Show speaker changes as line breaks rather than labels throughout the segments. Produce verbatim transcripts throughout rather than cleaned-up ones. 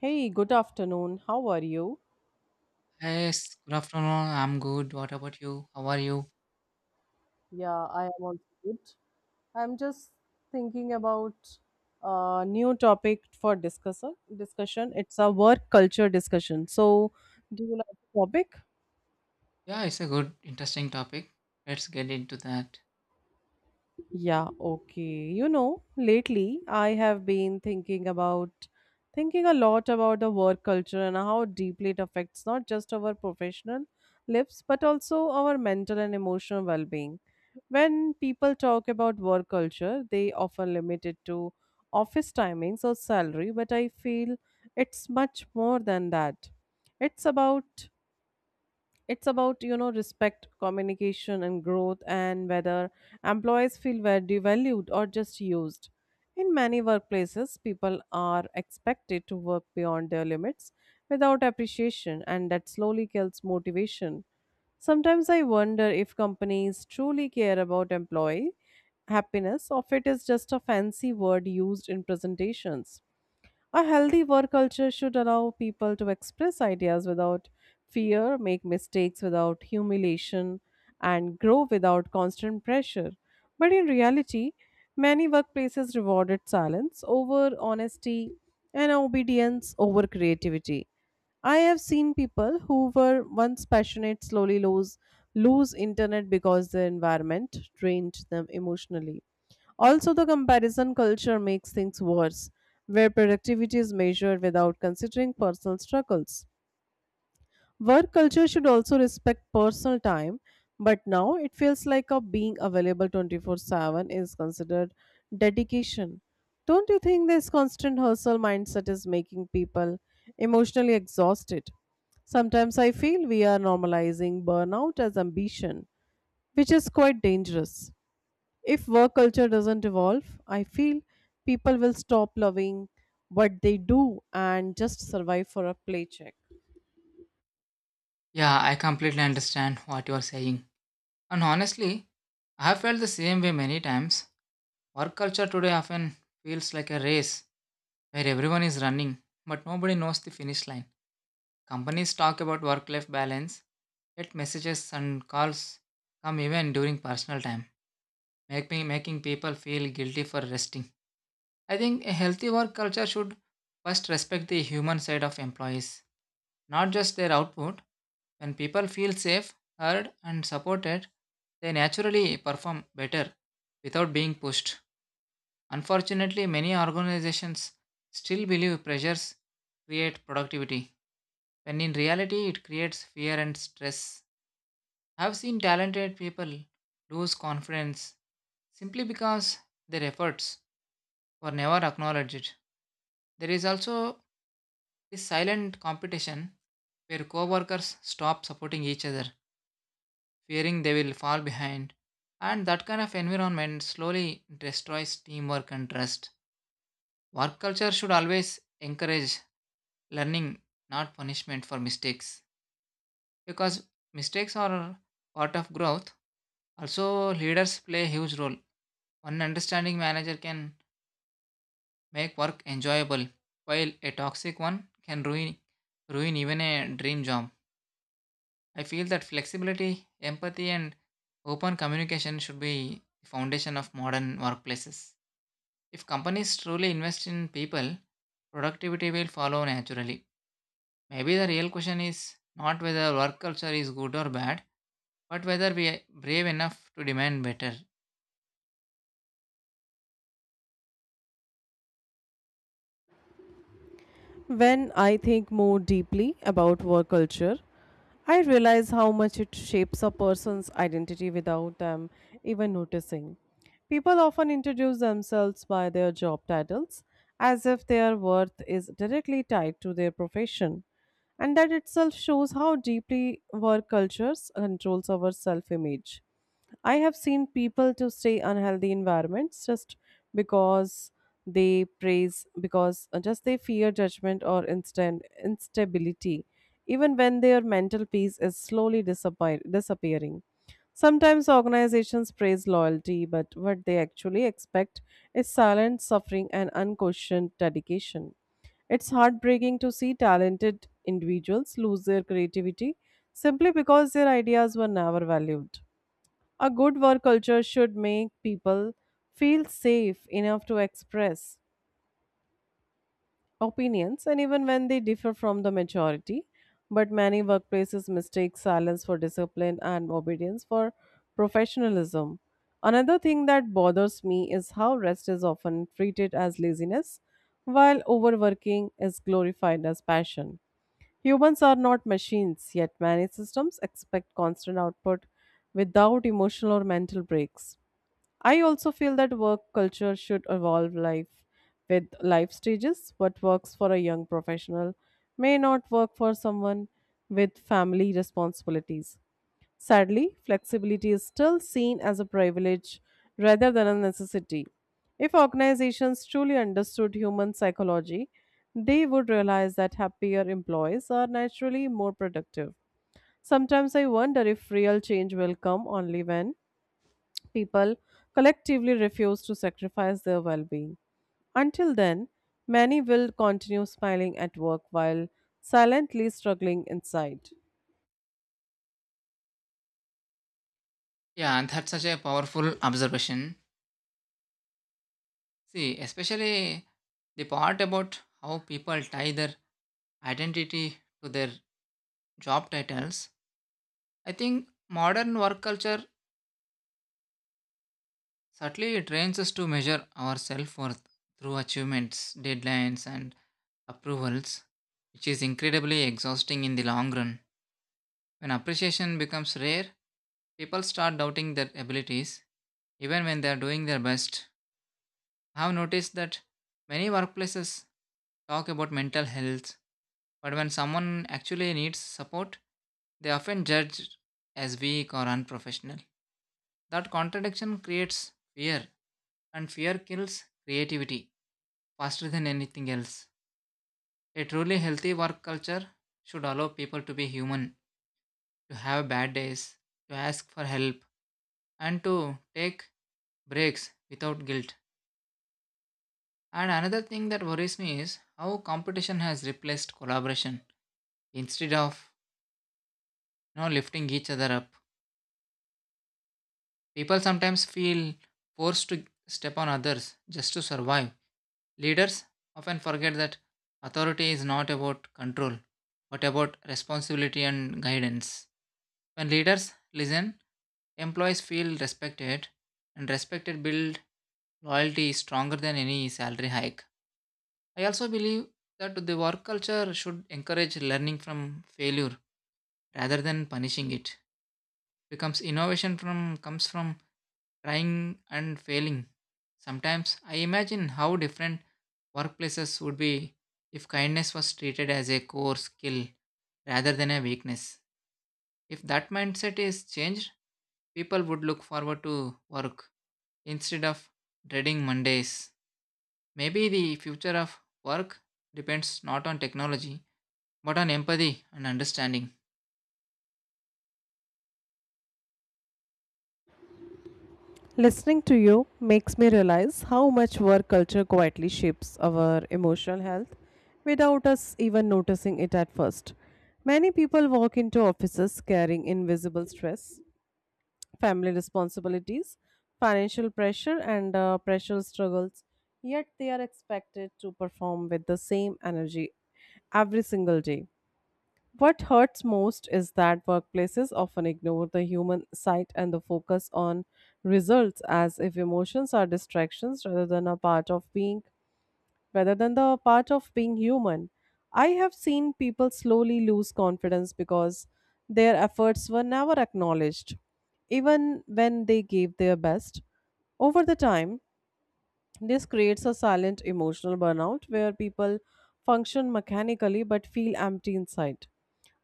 Hey, good afternoon. How are you?
Yes, good afternoon. I'm good. What about you? How are you?
Yeah, I am also good. I'm just thinking about a new topic for discussion. Discussion. It's a work culture discussion. So, do you like the topic?
Yeah, it's a good, interesting topic. Let's get into that.
Yeah, okay. You know, lately I have been thinking about thinking a lot about the work culture and how deeply it affects not just our professional lives but also our mental and emotional well-being. When people talk about work culture, they often limit it to office timings or salary, but I feel it's much more than that. It's about it's about you know respect, communication, and growth, and whether employees feel were devalued or just used. In many workplaces, people are expected to work beyond their limits without appreciation, and that slowly kills motivation. Sometimes I wonder if companies truly care about employee happiness, or if it is just a fancy word used in presentations. A healthy work culture should allow people to express ideas without fear, make mistakes without humiliation, and grow without constant pressure. But in reality, many workplaces rewarded silence over honesty and obedience over creativity. I have seen people who were once passionate slowly lose lose internet because the environment drained them emotionally. Also, the comparison culture makes things worse, where productivity is measured without considering personal struggles. Work culture should also respect personal time, but now it feels like a being available twenty-four seven is considered dedication. Don't you think this constant hustle mindset is making people emotionally exhausted? Sometimes I feel we are normalizing burnout as ambition, which is quite dangerous. If work culture doesn't evolve, I feel people will stop loving what they do and just survive for a paycheck.
Yeah, I completely understand what you are saying. And honestly, I have felt the same way many times. Work culture today often feels like a race where everyone is running, but nobody knows the finish line. Companies talk about work life balance, yet messages and calls come even during personal time, making, making people feel guilty for resting. I think a healthy work culture should first respect the human side of employees, not just their output. When people feel safe, heard, and supported, they naturally perform better without being pushed. Unfortunately, many organizations still believe pressures create productivity, when in reality, it creates fear and stress. I've seen talented people lose confidence simply because their efforts were never acknowledged. There is also this silent competition where co-workers stop supporting each other, fearing they will fall behind, and that kind of environment slowly destroys teamwork and trust. Work culture should always encourage learning, not punishment for mistakes, because mistakes are part of growth. Also, leaders play a huge role. One understanding manager can make work enjoyable, while a toxic one can ruin ruin even a dream job. I feel that flexibility, empathy, and open communication should be the foundation of modern workplaces. If companies truly invest in people, productivity will follow naturally. Maybe the real question is not whether work culture is good or bad, but whether we are brave enough to demand better.
When I think more deeply about work culture, I realize how much it shapes a person's identity without them even noticing. People often introduce themselves by their job titles as if their worth is directly tied to their profession, and that itself shows how deeply work cultures controls our self image. I have seen people to stay unhealthy environments just because they praise because uh, just they fear judgment or instant instability even when their mental peace is slowly disappear- disappearing Sometimes organizations praise loyalty, but what they actually expect is silent suffering and unquestioned dedication. It's heartbreaking to see talented individuals lose their creativity simply because their ideas were never valued. A good work culture should make people feel safe enough to express opinions, and even when they differ from the majority. But many workplaces mistake silence for discipline and obedience for professionalism. Another thing that bothers me is how rest is often treated as laziness, while overworking is glorified as passion. Humans are not machines, yet many systems expect constant output without emotional or mental breaks. I also feel that work culture should evolve life with life stages. What works for a young professional may not work for someone with family responsibilities. Sadly, flexibility is still seen as a privilege rather than a necessity. If organizations truly understood human psychology, they would realize that happier employees are naturally more productive. Sometimes I wonder if real change will come only when people collectively refuse to sacrifice their well being. Until then, many will continue smiling at work while silently struggling inside.
Yeah, and that's such a powerful observation. See, especially the part about how people tie their identity to their job titles. I think modern work culture subtly, it trains us to measure our self worth through achievements, deadlines, and approvals, which is incredibly exhausting in the long run. When appreciation becomes rare, people start doubting their abilities, even when they are doing their best. I have noticed that many workplaces talk about mental health, but when someone actually needs support, they are often judged as weak or unprofessional. That contradiction creates fear, and fear kills creativity faster than anything else. A truly healthy work culture should allow people to be human, to have bad days, to ask for help, and to take breaks without guilt. And another thing that worries me is how competition has replaced collaboration instead of you know lifting each other up. People sometimes feel forced to step on others just to survive. Leaders often forget that authority is not about control, but about responsibility and guidance. When leaders listen, employees feel respected, and respected build loyalty is stronger than any salary hike. I also believe that the work culture should encourage learning from failure rather than punishing it. Becomes innovation from comes from trying and failing. Sometimes I imagine how different workplaces would be if kindness was treated as a core skill rather than a weakness. If that mindset is changed, people would look forward to work instead of dreading Mondays. Maybe the future of work depends not on technology but on empathy and understanding.
Listening to you makes me realize how much work culture quietly shapes our emotional health without us even noticing it at first. Many people walk into offices carrying invisible stress, family responsibilities, financial pressure, and uh, pressure struggles, yet they are expected to perform with the same energy every single day. What hurts most is that workplaces often ignore the human side and the focus on results, as if emotions are distractions rather than a part of being rather than the part of being human. I have seen people slowly lose confidence because their efforts were never acknowledged, even when they gave their best. Over the time, this creates a silent emotional burnout where people function mechanically but feel empty inside.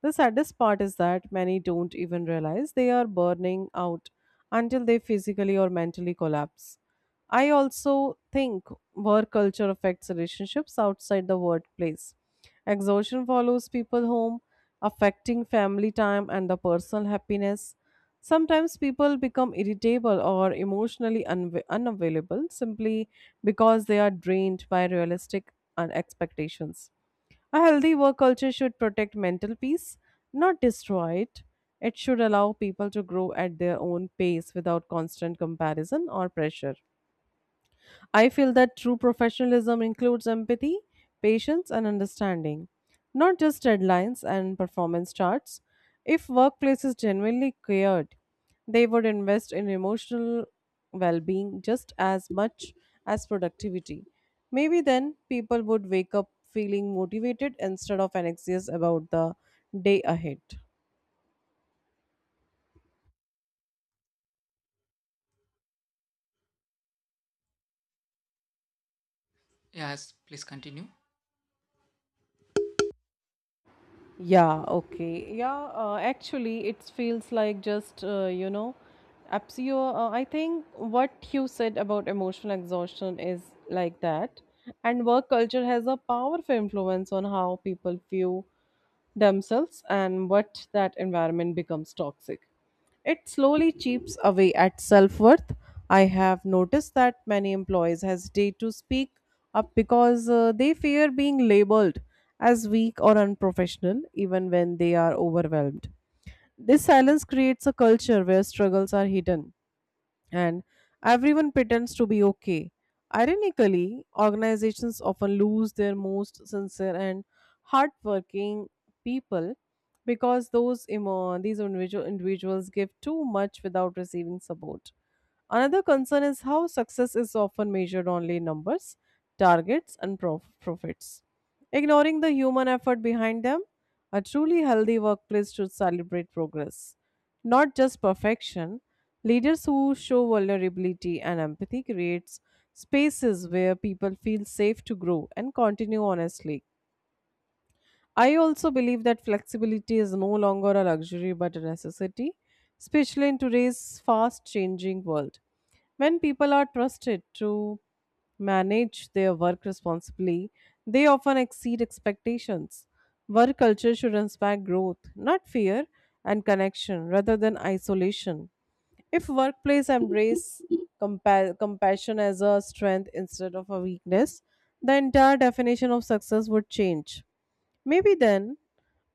The saddest part is that many don't even realize they are burning out until they physically or mentally collapse. I also think work culture affects relationships outside the workplace. Exhaustion follows people home, affecting family time and the personal happiness. Sometimes people become irritable or emotionally unv- unavailable simply because they are drained by realistic un- expectations. A healthy work culture should protect mental peace, not destroy it. It should allow people to grow at their own pace without constant comparison or pressure. I feel that true professionalism includes empathy, patience, and understanding, not just deadlines and performance charts. If workplaces genuinely cared, they would invest in emotional well being just as much as productivity. Maybe then people would wake up feeling motivated instead of anxious about the day ahead.
Yes, please continue.
Yeah, okay. Yeah, uh, actually, it feels like just, uh, you know, absio. Uh, I think what you said about emotional exhaustion is like that. And work culture has a powerful influence on how people view themselves and what that environment becomes toxic. It slowly chips away at self worth. I have noticed that many employees hesitate to speak up because uh, they fear being labeled as weak or unprofessional, even when they are overwhelmed. This silence creates a culture where struggles are hidden, and everyone pretends to be okay. Ironically, organizations often lose their most sincere and hardworking people because those emo- these individual individuals give too much without receiving support. Another concern is how success is often measured only in numbers, targets, and prof- profits, ignoring the human effort behind them. A truly healthy workplace should celebrate progress, not just perfection. Leaders who show vulnerability and empathy creates spaces where people feel safe to grow and continue honestly. I also believe that flexibility is no longer a luxury but a necessity, especially in today's fast changing world. When people are trusted to manage their work responsibly, they often exceed expectations. Work culture should inspire growth, not fear, and connection rather than isolation. If workplace embrace compa- compassion as a strength instead of a weakness, the entire definition of success would change. Maybe then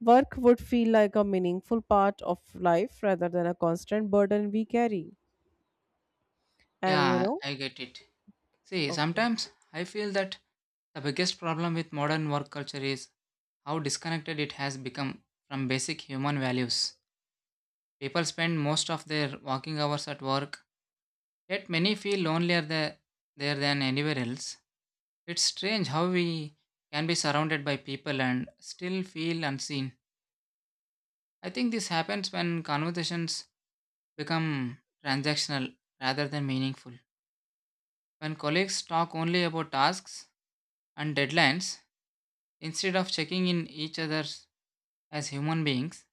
work would feel like a meaningful part of life rather than a constant burden we carry. And you
Yeah,
know,
I get it. See,
okay.
sometimes I feel that the biggest problem with modern work culture is how disconnected it has become from basic human values. People spend most of their working hours at work, yet many feel lonelier there, there than anywhere else. It's strange how we can be surrounded by people and still feel unseen. I think this happens when conversations become transactional rather than meaningful. When colleagues talk only about tasks and deadlines instead of checking in each other as human beings,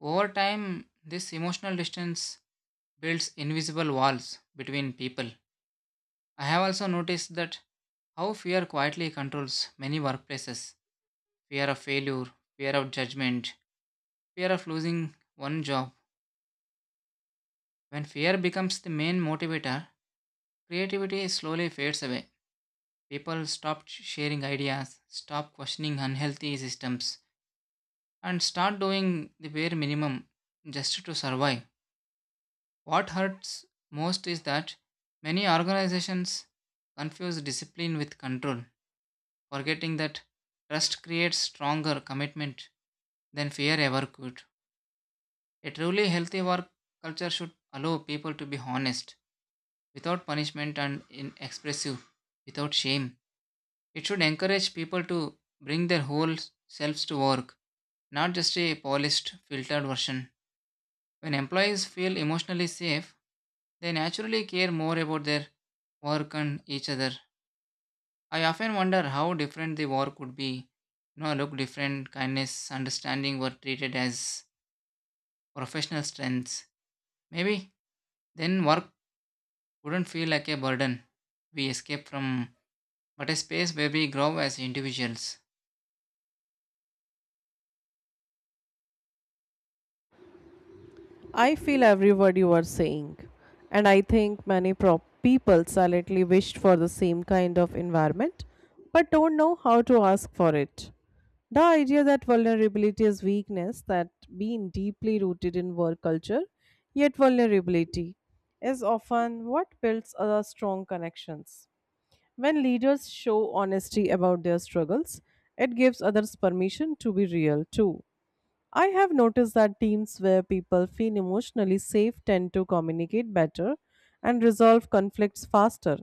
over time this emotional distance builds invisible walls between people. I have also noticed that how fear quietly controls many workplaces fear of failure, fear of judgment, fear of losing one job. When fear becomes the main motivator, creativity slowly fades away. People stop sharing ideas, stop questioning unhealthy systems, and start doing the bare minimum just to survive. What hurts most is that many organizations confuse discipline with control, forgetting that trust creates stronger commitment than fear ever could. A truly healthy work culture should allow people to be honest without punishment and in expressive without shame. It should encourage people to bring their whole selves to work, not just a polished filtered version. When employees feel emotionally safe they naturally care more about their work and each other. I often wonder how different the work would be, you know look different kindness understanding were treated as professional strengths. Maybe then work wouldn't feel like a burden we escape from, but a space where we grow as individuals.
I feel every word you are saying. And I think many pro- people silently wished for the same kind of environment but don't know how to ask for it. The idea that vulnerability is weakness, that being deeply rooted in work culture, yet vulnerability, is often what builds other strong connections. When leaders show honesty about their struggles, it gives others permission to be real too. I have noticed that teams where people feel emotionally safe tend to communicate better and resolve conflicts faster.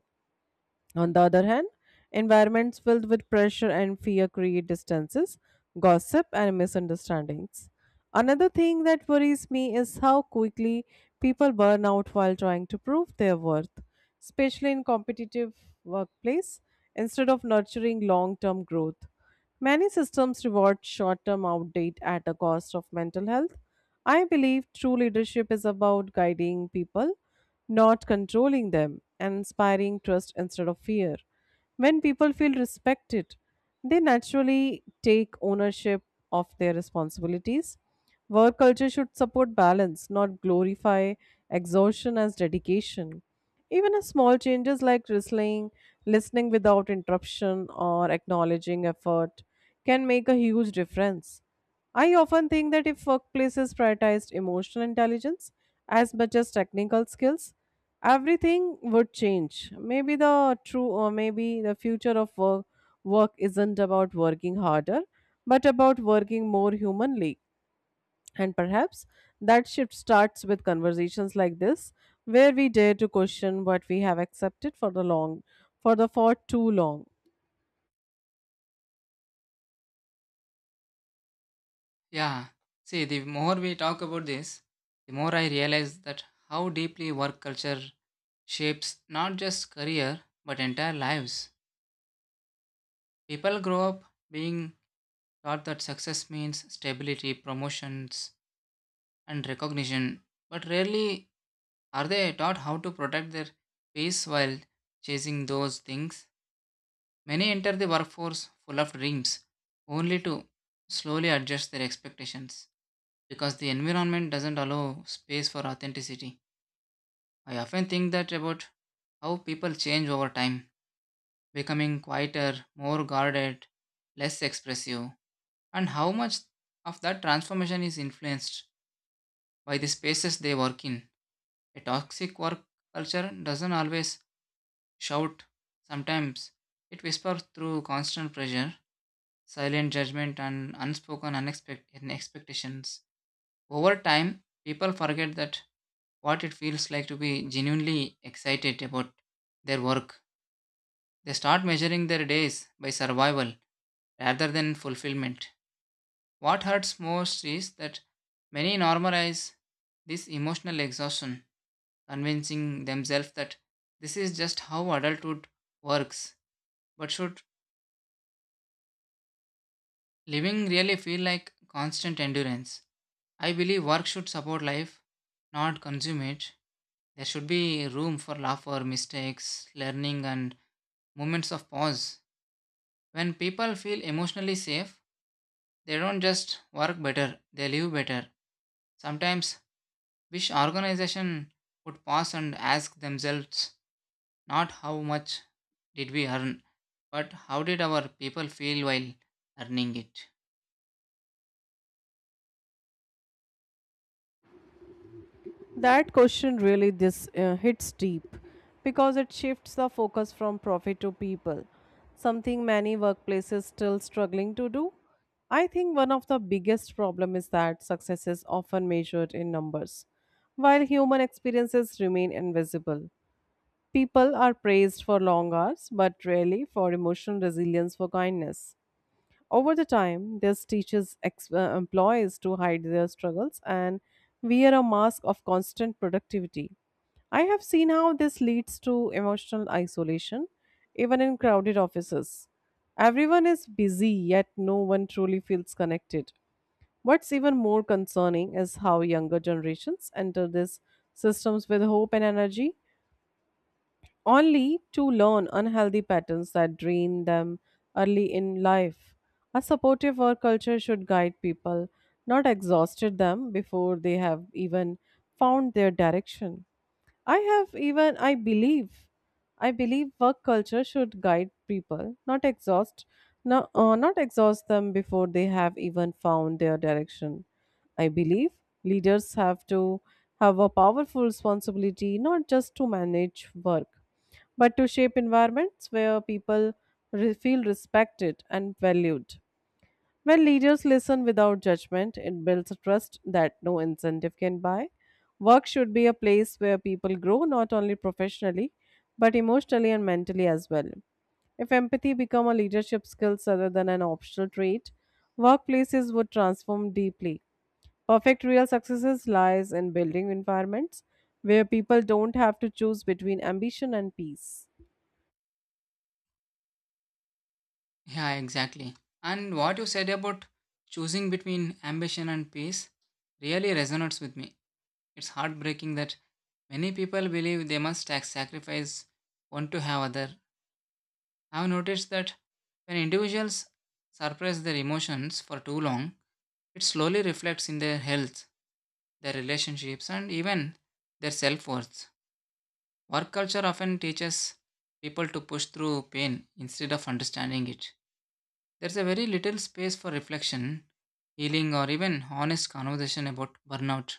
On the other hand, environments filled with pressure and fear create distances, gossip, and misunderstandings. Another thing that worries me is how quickly people burn out while trying to prove their worth, especially in competitive workplace, instead of nurturing long-term growth. Many systems reward short-term outdate at the cost of mental health. I believe true leadership is about guiding people, not controlling them, and inspiring trust instead of fear. When people feel respected, they naturally take ownership of their responsibilities. Work culture should support balance, not glorify exhaustion as dedication. Even a small changes like listening, listening without interruption, or acknowledging effort, can make a huge difference. I often think that if workplaces prioritized emotional intelligence as much as technical skills, everything would change. Maybe the true or maybe the future of work, work isn't about working harder, but about working more humanly. And perhaps that shift starts with conversations like this, where we dare to question what we have accepted for the long for the for too long.
Yeah, see, the more we talk about this, the more I realize that how deeply work culture shapes not just career but entire lives. People grow up being taught that success means stability, promotions, and recognition, but rarely are they taught how to protect their peace while chasing those things. Many enter the workforce full of dreams, only to slowly adjust their expectations because the environment doesn't allow space for authenticity. I often think that about how people change over time, becoming quieter, more guarded, less expressive, and how much of that transformation is influenced by the spaces they work in. A toxic work culture doesn't always shout, sometimes it whispers through constant pressure, silent judgment, and unspoken unexpect- expectations. Over time, people forget that what it feels like to be genuinely excited about their work. They start measuring their days by survival rather than fulfillment. What hurts most is that many normalize this emotional exhaustion, convincing themselves that this is just how adulthood works. But should living really feel like constant endurance? I believe work should support life, not consume it. There should be room for laughter, mistakes, learning, and moments of pause. When people feel emotionally safe, they don't just work better, they live better. Sometimes, wish organization would pause and ask themselves not how much did we earn, but how did our people feel while earning it?
That question really this uh, hits deep because it shifts the focus from profit to people, something many workplaces still struggling to do. I think one of the biggest problem is that success is often measured in numbers, while human experiences remain invisible. People are praised for long hours, but rarely for emotional resilience for kindness. Over the time, this teaches ex- uh, employees to hide their struggles and wear a mask of constant productivity. I have seen how this leads to emotional isolation, even in crowded offices. Everyone is busy, yet no one truly feels connected. What's even more concerning is how younger generations enter these systems with hope and energy only to learn unhealthy patterns that drain them early in life. A supportive work culture should guide people, not exhausted them before they have even found their direction. I have even I believe I believe work culture should guide people, not exhaust no, uh, not exhaust them before they have even found their direction. I believe leaders have to have a powerful responsibility, not just to manage work but to shape environments where people re- feel respected and valued. When leaders listen without judgment, it builds a trust that no incentive can buy. Work should be a place where people grow not only professionally, but emotionally and mentally as well. If empathy become a leadership skill rather than an optional trait, workplaces would transform deeply. Perfect real successes lies in building environments where people don't have to choose between ambition and peace.
Yeah, exactly. And what you said about choosing between ambition and peace really resonates with me. It's heartbreaking that many people believe they must sac- sacrifice one to have other. I've noticed that when individuals suppress their emotions for too long, it slowly reflects in their health, their relationships, and even their self worth. Work culture often teaches people to push through pain instead of understanding it. There's a very little space for reflection, healing, or even honest conversation about burnout.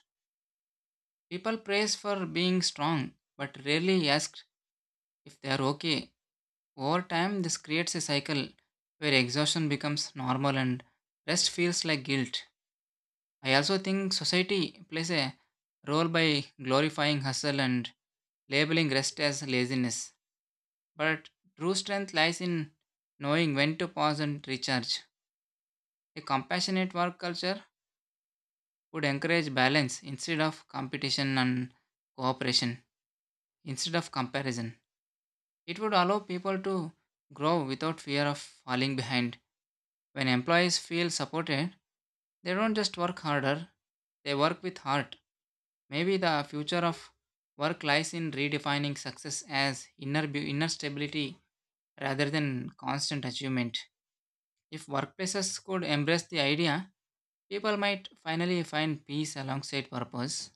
People praise for being strong, but rarely ask if they are okay. Over time, this creates a cycle where exhaustion becomes normal and rest feels like guilt. I also think society plays a role by glorifying hustle and labeling rest as laziness. But true strength lies in knowing when to pause and recharge. A compassionate work culture would encourage balance instead of competition and cooperation, instead of comparison. It would allow people to grow without fear of falling behind. When employees feel supported, they don't just work harder, they work with heart. Maybe the future of work lies in redefining success as inner, beau- inner stability rather than constant achievement. If workplaces could embrace the idea, people might finally find peace alongside purpose.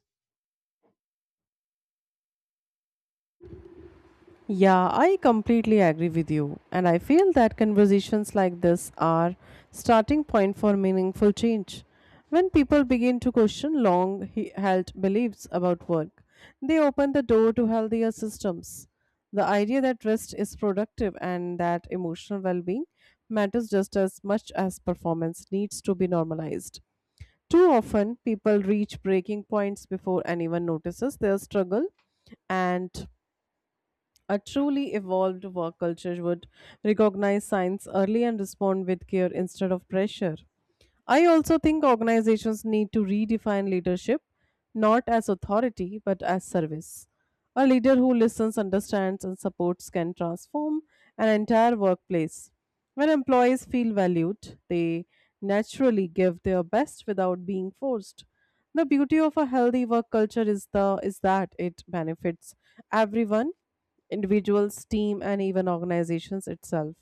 Yeah, I completely agree with you. And I feel that conversations like this are starting point for meaningful change. When people begin to question long he- held beliefs about work, they open the door to healthier systems. The idea that rest is productive and that emotional well-being matters just as much as performance needs to be normalized. Too often, people reach breaking points before anyone notices their struggle, and a truly evolved work culture would recognize signs early and respond with care instead of pressure. I also think organizations need to redefine leadership not as authority but as service. A leader who listens, understands, and supports can transform an entire workplace. When employees feel valued, they naturally give their best without being forced. The beauty of a healthy work culture is the is that it benefits everyone, individuals, team, and even organizations itself.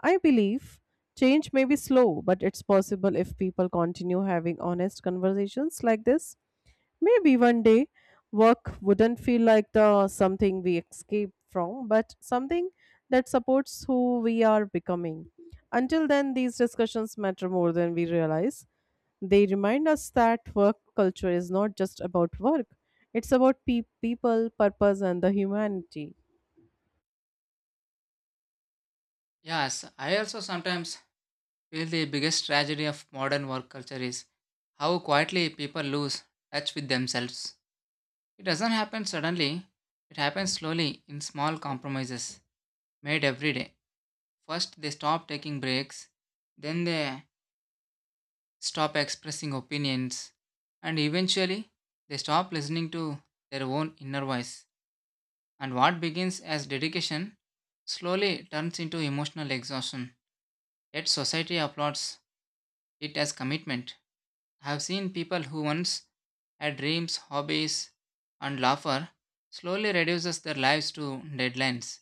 I believe change may be slow, but it's possible if people continue having honest conversations like this. Maybe one day work wouldn't feel like the something we escape from, but something that supports who we are becoming. Until then, these discussions matter more than we realize. They remind us that work culture is not just about work, it's about pe- people, purpose, and the humanity.
Yes, I also sometimes feel the biggest tragedy of modern work culture is how quietly people lose touch with themselves. It doesn't happen suddenly, it happens slowly in small compromises made every day. First, they stop taking breaks, then, they stop expressing opinions, and eventually, they stop listening to their own inner voice. And what begins as dedication slowly turns into emotional exhaustion. Yet, society applauds it as commitment. I have seen people who once had dreams, hobbies, and laughter slowly reduces their lives to deadlines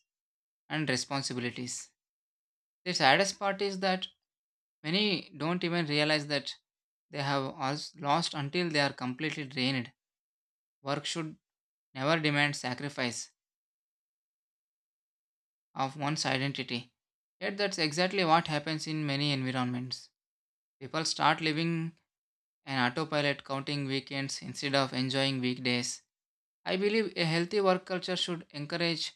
and responsibilities. The saddest part is that many don't even realize that they have als- lost until they are completely drained. Work should never demand sacrifice of one's identity. Yet that's exactly what happens in many environments. People start living an autopilot counting weekends instead of enjoying weekdays. I believe a healthy work culture should encourage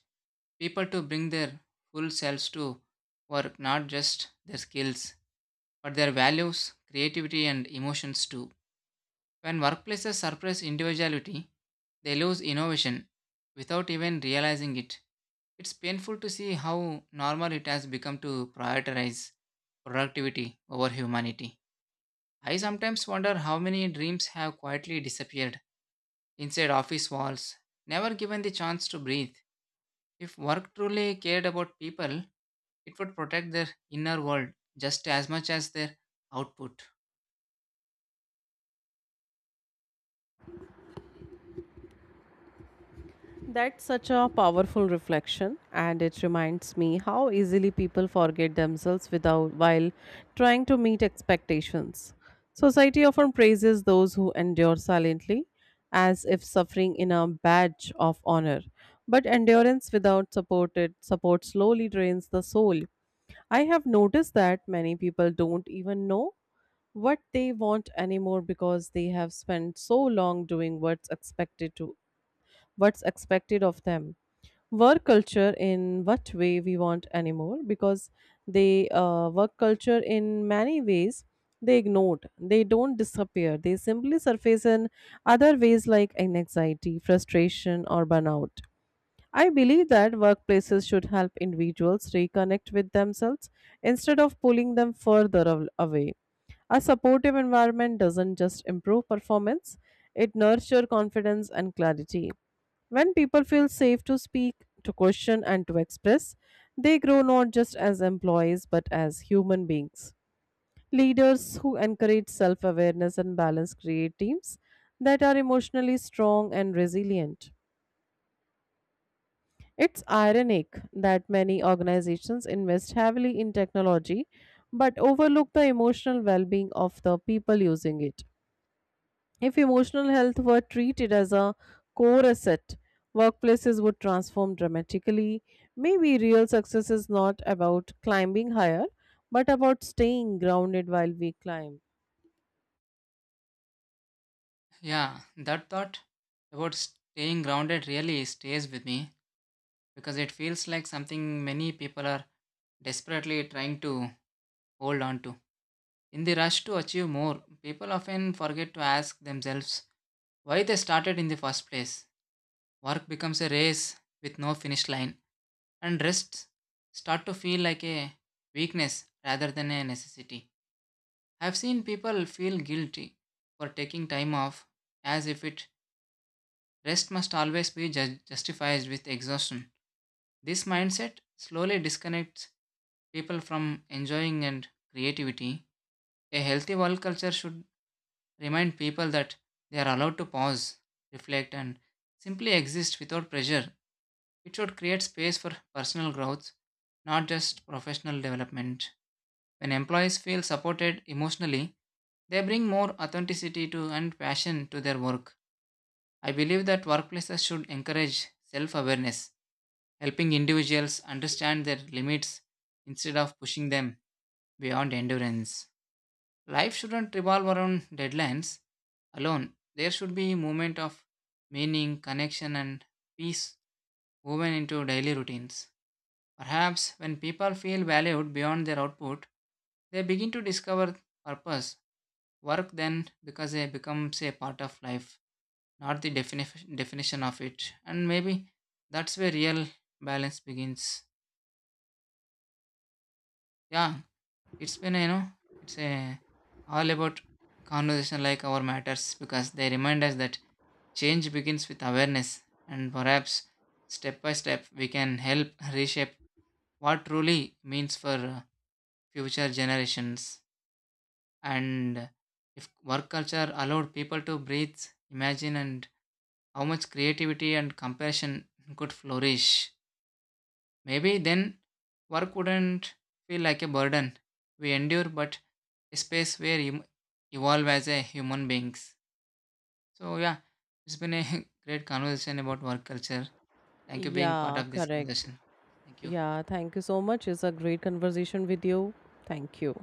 people to bring their full selves to work, not just their skills, but their values, creativity, and emotions too. When workplaces suppress individuality, they lose innovation without even realizing it. It's painful to see how normal it has become to prioritize productivity over humanity. I sometimes wonder how many dreams have quietly disappeared inside office walls, never given the chance to breathe. If work truly cared about people, it would protect their inner world just as much as their output.
That's such a powerful reflection, and it reminds me how easily people forget themselves without while trying to meet expectations. Society often praises those who endure silently, as if suffering in a badge of honor. But endurance without supported support slowly drains the soul. I have noticed that many people don't even know what they want anymore because they have spent so long doing what's expected to what's expected of them. Work culture in what way we want anymore because they uh, work culture in many ways, they ignored, they don't disappear, they simply surface in other ways like anxiety, frustration, or burnout. I believe that workplaces should help individuals reconnect with themselves instead of pulling them further av- away. A supportive environment doesn't just improve performance, it nurtures confidence and clarity. When people feel safe to speak, to question, and to express, they grow not just as employees but as human beings. Leaders who encourage self awareness and balance create teams that are emotionally strong and resilient. It's ironic that many organizations invest heavily in technology but overlook the emotional well being of the people using it. If emotional health were treated as a core asset, workplaces would transform dramatically. Maybe real success is not about climbing higher, but about staying grounded while we climb.
Yeah, that thought about staying grounded really stays with me because it feels like something many people are desperately trying to hold on to. In the rush to achieve more, people often forget to ask themselves why they started in the first place. Work becomes a race with no finish line, and rests start to feel like a weakness rather than a necessity. I've seen people feel guilty for taking time off as if it rest must always be ju- justified with exhaustion. This mindset slowly disconnects people from enjoying and creativity. A healthy work culture should remind people that they are allowed to pause, reflect, and simply exist without pressure. It should create space for personal growth, not just professional development. When employees feel supported emotionally, they bring more authenticity to and passion to their work. I believe that workplaces should encourage self awareness, helping individuals understand their limits instead of pushing them beyond endurance. Life shouldn't revolve around deadlines alone. There should be a movement of meaning, connection, and peace woven into daily routines. Perhaps when people feel valued beyond their output, they begin to discover purpose. Work then because it becomes a part of life not the defini- definition of it. And maybe that's where real balance begins. Yeah, it's been, you know, it's a all about conversation like our matters because they remind us that change begins with awareness and perhaps step by step we can help reshape what truly means for uh, future generations and if work culture allowed people to breathe imagine and how much creativity and compassion could flourish. Maybe then work wouldn't feel like a burden we endure, but a space where you evolve as a human beings. So yeah, it's been a great conversation about work culture. Thank you being part
Yeah,
of this
correct.
conversation. Thank you.
Yeah, thank you so much. It's a great conversation with you. Thank you.